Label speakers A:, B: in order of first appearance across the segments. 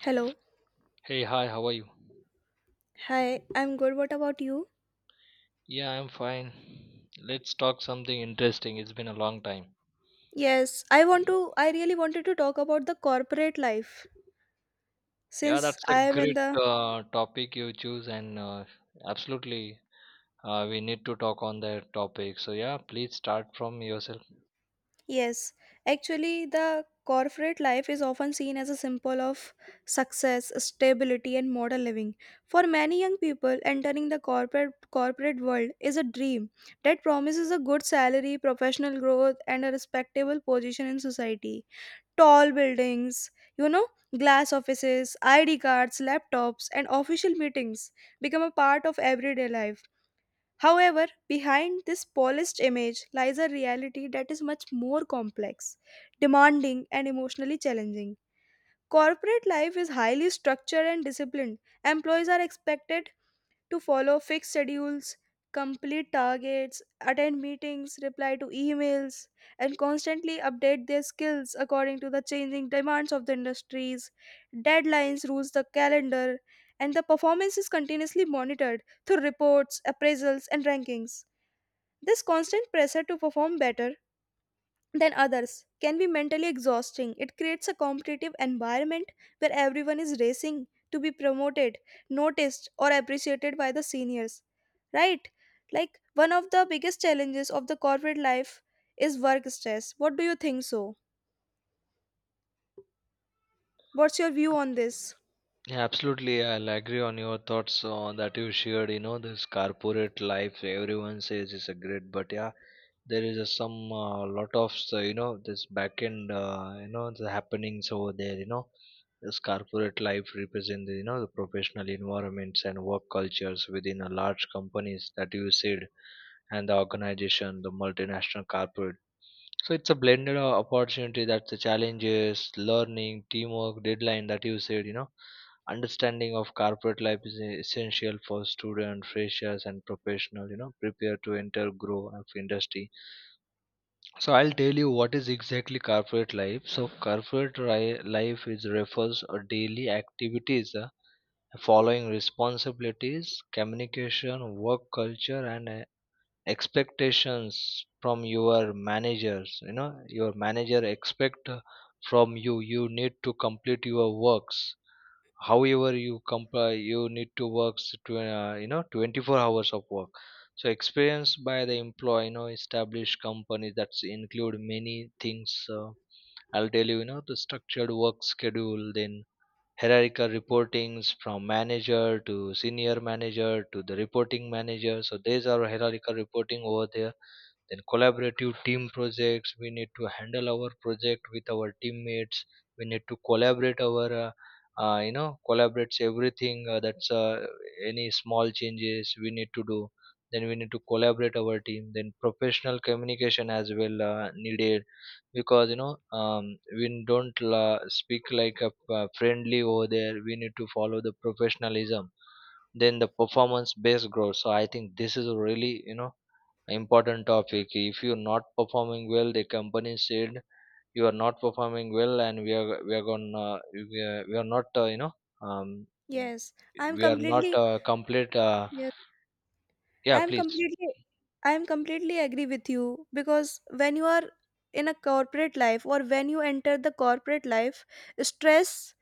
A: Hello.
B: Hey, hi, how are you?
A: Hi, I'm good. What about you?
B: Yeah, I'm fine. Let's talk something interesting. It's been a long time.
A: Yes, I want to I really wanted to talk about the corporate life
B: Yeah,
A: since
B: that's a
A: I am in
B: great
A: the
B: topic you choose, and absolutely, we need to talk on that topic. So, yeah, please start from yourself.
A: yes, actually the corporate life is often seen as a symbol of success, stability and modern living. For many young people, entering the corporate world is a dream that promises a good salary, professional growth and a respectable position in society. Tall buildings, you know, glass offices, ID cards, laptops, and official meetings become a part of everyday life. However, behind this polished image lies a reality that is much more complex, demanding, and emotionally challenging. Corporate life is highly structured and disciplined. Employees are expected to follow fixed schedules, complete targets, attend meetings, reply to emails, and constantly update their skills according to the changing demands of the industries. Deadlines rules the calendar, and the performance is continuously monitored through reports, appraisals, and rankings. This constant pressure to perform better than others can be mentally exhausting. It creates a competitive environment where everyone is racing to be promoted, noticed, or appreciated by the seniors. Right? Like, one of the biggest challenges of the corporate life is work stress. What do you think so? What's your view on this?
B: Yeah, absolutely. I'll agree on your thoughts on that you shared. You know, this corporate life, everyone says is a great, but yeah, there is a some lot of so, you know this back end, you know, the happenings over there. You know, this corporate life represent the, you know the professional environments and work cultures within a large companies that you said, and the organization, the multinational corporate. So it's a blended opportunity that the challenges, learning, teamwork, deadline that you said, you know, understanding of corporate life is essential for student, freshers, and professional. You know, prepare to enter, grow of industry. So I'll tell you what is exactly corporate life. So corporate life is refers or daily activities following responsibilities, communication, work culture, and expectations from your managers, you know, your manager expect from you, you need to complete your works, however you comply, you need to work you know, 24 hours of work. So experience by the employee, you know, established companies that include many things. I'll tell you, you know, the structured work schedule, then hierarchical reportings from manager to senior manager to the reporting manager. So these are hierarchical reporting over there. Then collaborative team projects, we need to handle our project with our teammates. We need to collaborate our you know, collaborates everything, that's any small changes we need to do. Then we need to collaborate our team, then professional communication as well needed, because, you know, um, we don't la speak like a friendly over there. We need to follow the professionalism, then the performance based growth. So I think this is really, you know, important topic. If you're not performing well, the company said you are not performing well, and we are gonna we are not you know, um
A: Yes, I'm
B: we are not
A: completely.
B: complete
A: Yes,
B: yeah,
A: I'm
B: please.
A: completely. I'm completely agree with you because when you are in a corporate life or when you enter the corporate life, stress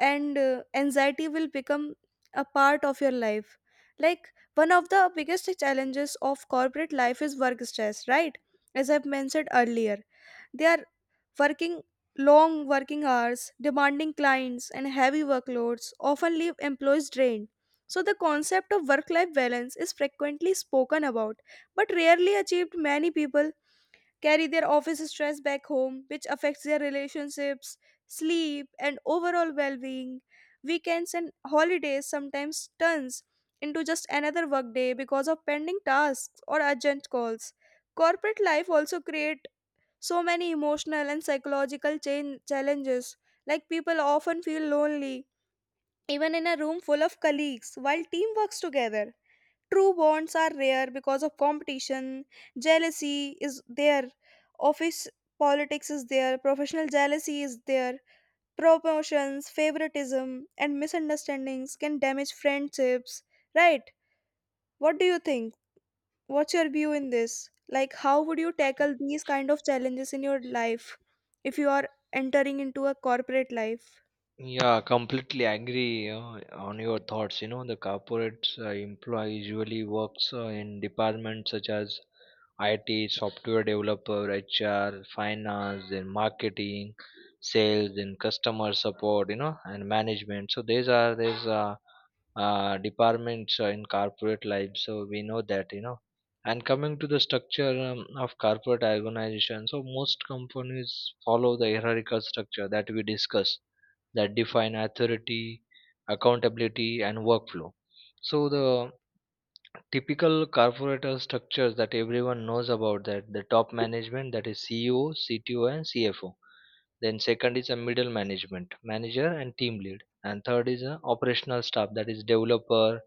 A: and anxiety will become a part of your life, like one of the biggest challenges of corporate life is work stress, right? As I've mentioned earlier, they are working long working hours, demanding clients and heavy workloads often leave employees drained. So the concept of work life balance is frequently spoken about but rarely achieved. Many people carry their office stress back home, which affects their relationships, sleep, and overall well being. Weekends and holidays sometimes turns into just another workday because of pending tasks or urgent calls. Corporate life also create so many emotional and psychological change challenges, like people often feel lonely even in a room full of colleagues while team works together. True bonds are rare because of competition, jealousy is there, office politics is there, professional jealousy is there, promotions, favoritism, and misunderstandings can damage friendships, right? What do you think? What's your view in this? Like, how would you tackle these kind of challenges in your life if you are entering into a corporate life?
B: Yeah, completely agree on your thoughts. You know, the corporate employee usually works in departments such as IT, software developer, HR, finance, then marketing, sales, then customer support. You know, and management. So these are these departments in corporate life. So we know that, you know. And coming to the structure of corporate organization, so most companies follow the hierarchical structure that we discussed, that define authority, accountability, and workflow. So the typical corporate structures that everyone knows about, that the top management that is CEO, CTO, and CFO. Then second is a middle management, manager and team lead. And third is a operational staff, that is developer,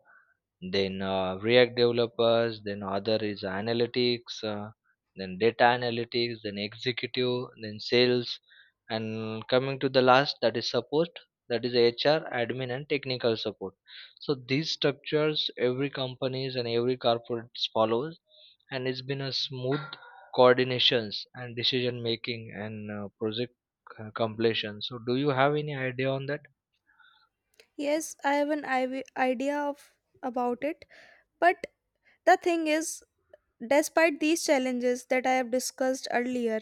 B: then react developers, then other is analytics, then data analytics, then executive, then sales, and coming to the last, that is support, that is HR admin and technical support. So these structures every companies and every corporate follows, and it's been a smooth coordinations and decision making and project completion. So do you have any idea on that?
A: Yes, I have an idea of about it, but the thing is, despite these challenges that I have discussed earlier,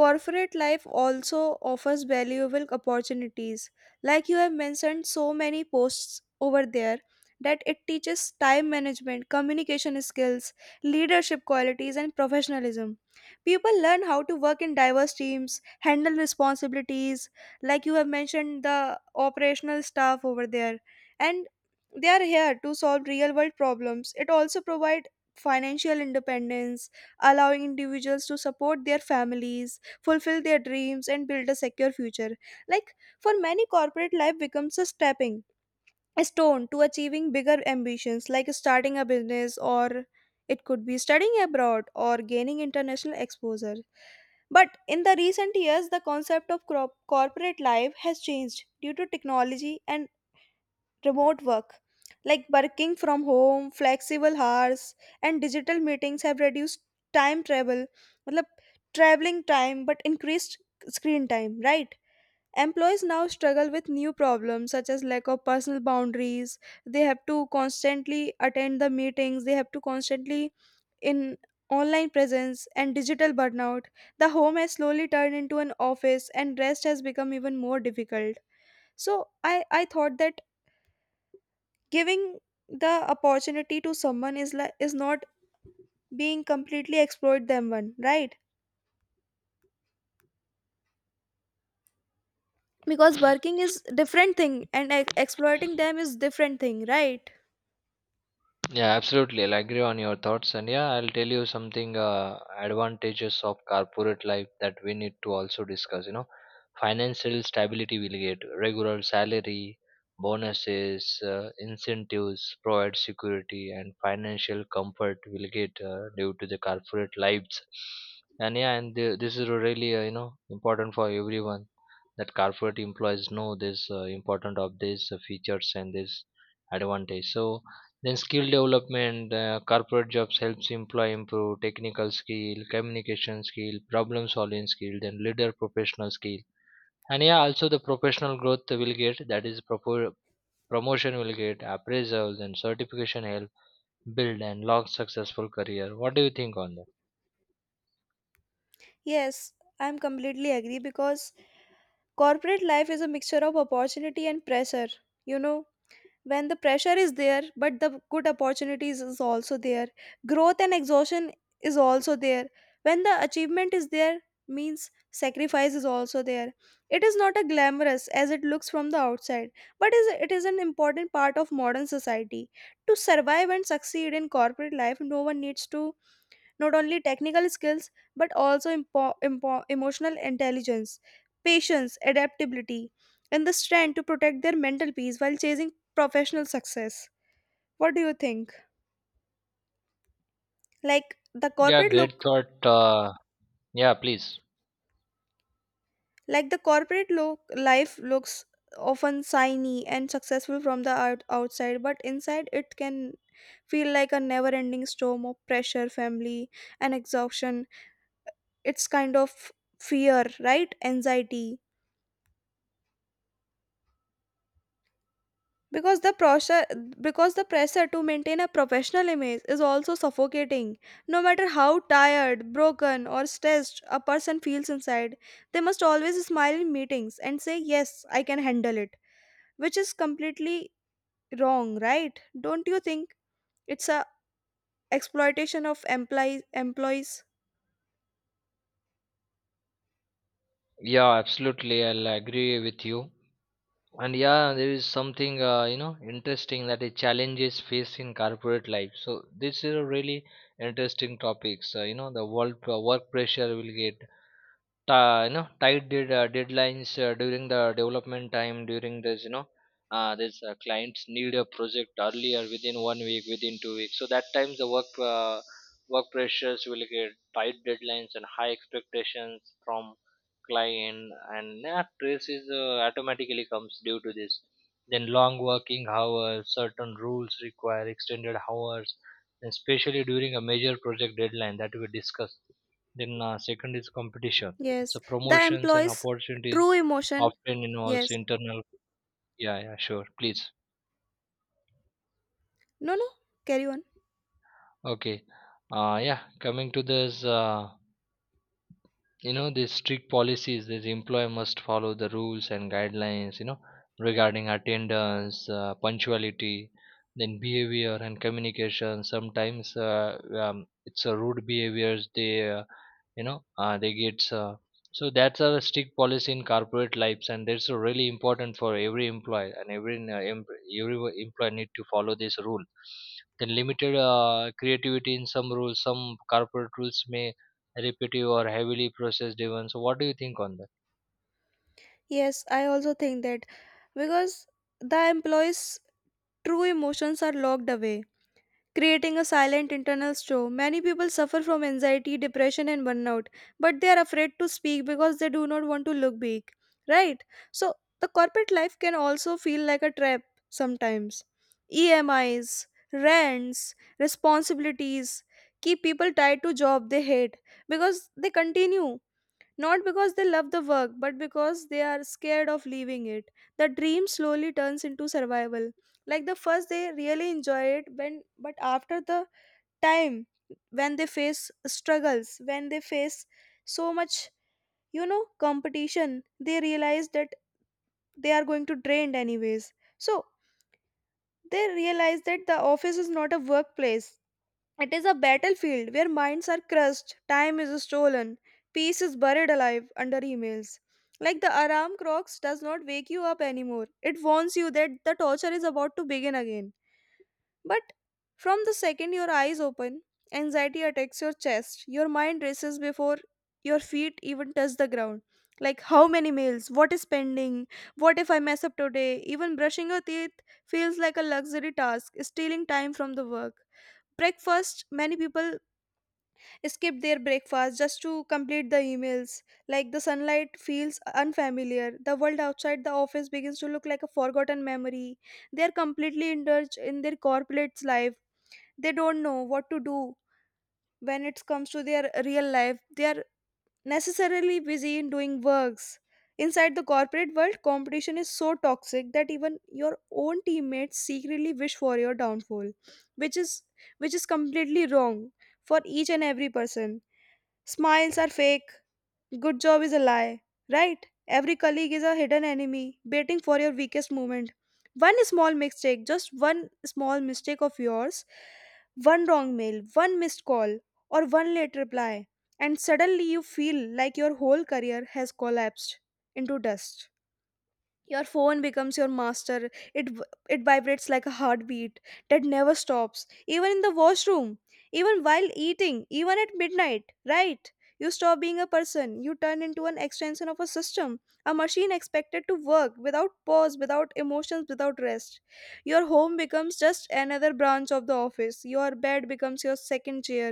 A: corporate life also offers valuable opportunities. Like you have mentioned, so many posts over there, that it teaches time management, communication skills, leadership qualities, and professionalism. People learn how to work in diverse teams, handle responsibilities, like you have mentioned, the operational staff over there. And they are here to solve real world problems. It also provides financial independence, allowing individuals to support their families, fulfill their dreams, and build a secure future. Like for many, corporate life becomes a stepping stone to achieving bigger ambitions, like starting a business, or it could be studying abroad or gaining international exposure. But in the recent years, the concept of corporate life has changed due to technology and remote work, like working from home, flexible hours and digital meetings have reduced time travel, मतलब traveling time, but increased screen time, right? Employees now struggle with new problems such as lack of personal boundaries. They have to constantly attend the meetings, they have to constantly in online presence and digital burnout. The home has slowly turned into an office and rest has become even more difficult. So i I thought that giving the opportunity to someone is like is not being completely exploit them one, right? Because working is different thing and exploiting them is different thing, right?
B: Yeah, absolutely. I'll agree on your thoughts. And yeah, I'll tell you something, advantages of corporate life that we need to also discuss. You know, financial stability, will get regular salary, bonuses, incentives, provide security, and financial comfort will get due to the corporate lives. And yeah, and the, this is really, you know, important for everyone that corporate employees know this important of these features and this advantage. So then skill development, corporate jobs helps employee improve technical skill, communication skill, problem solving skill, then leader professional skill. And yeah, also the professional growth will get, that is promotion will get appraisals and certification, help build and long successful career. What do you think on that?
A: Yes, I'm completely agree because corporate life is a mixture of opportunity and pressure, you know? When the pressure is there, but the good opportunities is also there, growth and exhaustion is also there. When the achievement is there, means sacrifice is also there. It is not a glamorous as it looks from the outside, but is it is an important part of modern society. To survive and succeed in corporate life, no one needs to not only technical skills, but also emotional intelligence, patience, adaptability, and the strength to protect their mental peace while chasing professional success. What do you think? Like the
B: Yeah,
A: corporate
B: great
A: look,
B: thought. Yeah, please.
A: like the corporate look, life looks often shiny and successful from the outside, but inside it can feel like a never-ending storm of pressure, family, and exhaustion. It's kind of fear, right? Anxiety because the pressure because the pressure to maintain a professional image is also suffocating. No matter how tired, broken or stressed a person feels inside, they must always smile in meetings and say yes, I can handle it, which is completely wrong, right? Don't you think it's a exploitation of employees?
B: Yeah, absolutely. I'll agree with you. And yeah, there is something, you know, interesting, that the challenges faced in corporate life. So this is a really interesting topics. You know, the world work pressure will get, you know, tight deadlines during the development time, during this, you know, this, clients need a project earlier within 1 week, within 2 weeks. So that times the work pressures will get tight deadlines and high expectations from client, and that stress is automatically comes due to this. Then long working hours, certain rules require extended hours especially during a major project deadline that we discussed. Then second is competition.
A: Yes,
B: So
A: the
B: promotions and
A: employees true
B: opportunities
A: emotion.
B: often involves
A: Yes,
B: internal. Yeah, yeah, sure, please.
A: no, no, carry on.
B: Okay. Yeah, coming to this, you know, these strict policies, this employer must follow the rules and guidelines, you know, regarding attendance, punctuality, then behavior and communication. Sometimes it's a rude behaviors, they you know they get so that's a strict policy in corporate lives, and that's really important for every employee, and every employee need to follow this rule. Then limited creativity in some rules, some corporate rules may repetitive or heavily processed events. So what do you think on that?
A: Yes, I also think that because the employees true emotions are locked away, creating a silent internal storm. Many people suffer from anxiety, depression, and burnout, but they are afraid to speak because they do not want to look big, right? So, the corporate life can also feel like a trap sometimes. EMIs, rents, responsibilities keep people tied to job they hate, because they continue not because they love the work, but because they are scared of leaving it. The dream slowly turns into survival. Like the first they really enjoy it when, but after the time when they face struggles, when they face so much, you know, competition, they realize that they are going to drained anyways. So they realize that the office is not a workplace, it is a battlefield where minds are crushed, time is stolen, peace is buried alive under emails. Like the alarm clocks does not wake you up anymore. It warns you that the torture is about to begin again. But from the second your eyes open, anxiety attacks your chest. Your mind races before your feet even touch the ground. Like how many meals? What is pending? What if I mess up today? Even brushing your teeth feels like a luxury task, stealing time from the work. Breakfast, many people skip their breakfast just to complete the emails. Like the sunlight feels unfamiliar. The world outside the office begins to look like a forgotten memory. They are completely indulged in their corporate's life, they don't know what to do when it comes to their real life. They are necessarily busy in doing works. Inside the corporate world, competition is so toxic that even your own teammates secretly wish for your downfall, which is which is completely wrong for each and every person. Smiles are fake, good job is a lie, right? Every colleague is a hidden enemy waiting for your weakest moment. One small mistake, just one small mistake of yours, one wrong mail, one missed call, or one late reply, and suddenly you feel like your whole career has collapsed into dust. Your phone becomes your master. It it vibrates like a heartbeat that never stops, even in the washroom, even while eating, even at midnight, right? You stop being a person, you turn into an extension of a system, a machine expected to work without pause, without emotions, without rest. Your home becomes just another branch of the office, your bed becomes your second chair,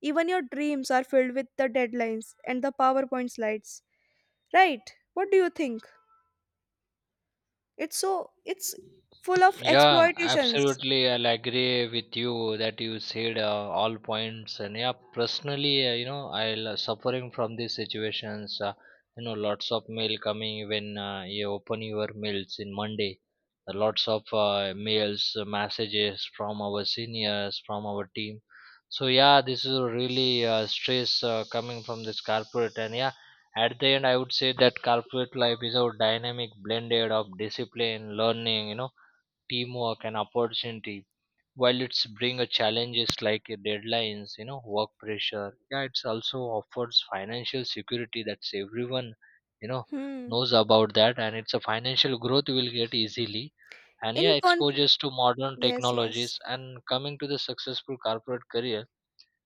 A: even your dreams are filled with the deadlines and the powerpoint slides, right? What do you think? It's full of
B: Yeah,
A: exploitations.
B: absolutely. I'll agree with you that you said, all points. And yeah, personally, you know, I'll suffering from these situations. You know, lots of mail coming when you open your mails in Monday. Lots of mails, messages from our seniors, from our team. So yeah, this is a really stress coming from this corporate. And yeah, at the end, I would say that corporate life is a dynamic blended of discipline, learning, you know, teamwork and opportunity. While it's bring a challenges like a deadlines, you know, work pressure, yeah, it's also offers financial security, that's everyone, you know,
A: Hmm.
B: knows about that. And it's a financial growth you will get easily, and yeah,
A: In con
B: exposures to modern
A: yes, yes.
B: technologies. And coming to the successful corporate career,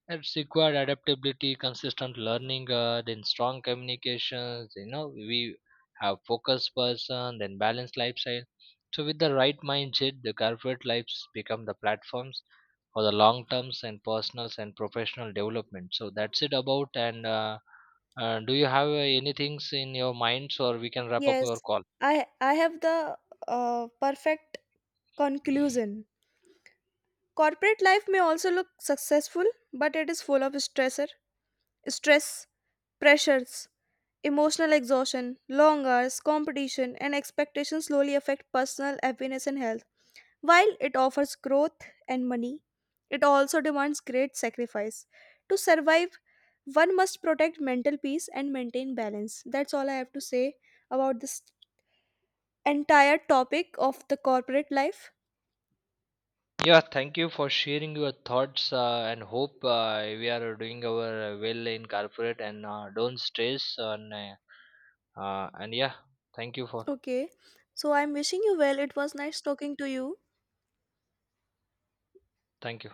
B: it's required adaptability, consistent learning, then strong communications. You know, we have focused person, then balanced lifestyle. So with the right mindset, the corporate lives become the platforms for the long terms and personal and professional development. So that's it about. And do you have anything in your minds, or we can wrap up your
A: Yes.
B: call?
A: I have the perfect conclusion. Corporate life may also look successful, but it is full of stressor, stress, pressures, emotional exhaustion, long hours, competition, and expectations slowly affect personal happiness and health. While it offers growth and money, it also demands great sacrifice. To survive, one must protect mental peace and maintain balance. That's all I have to say about this entire topic of the corporate life.
B: Yeah, thank you for sharing your thoughts, and hope we are doing our well in corporate, and don't stress, and yeah, thank you for
A: Okay, so I'm wishing you well. It was nice talking to you.
B: thank you.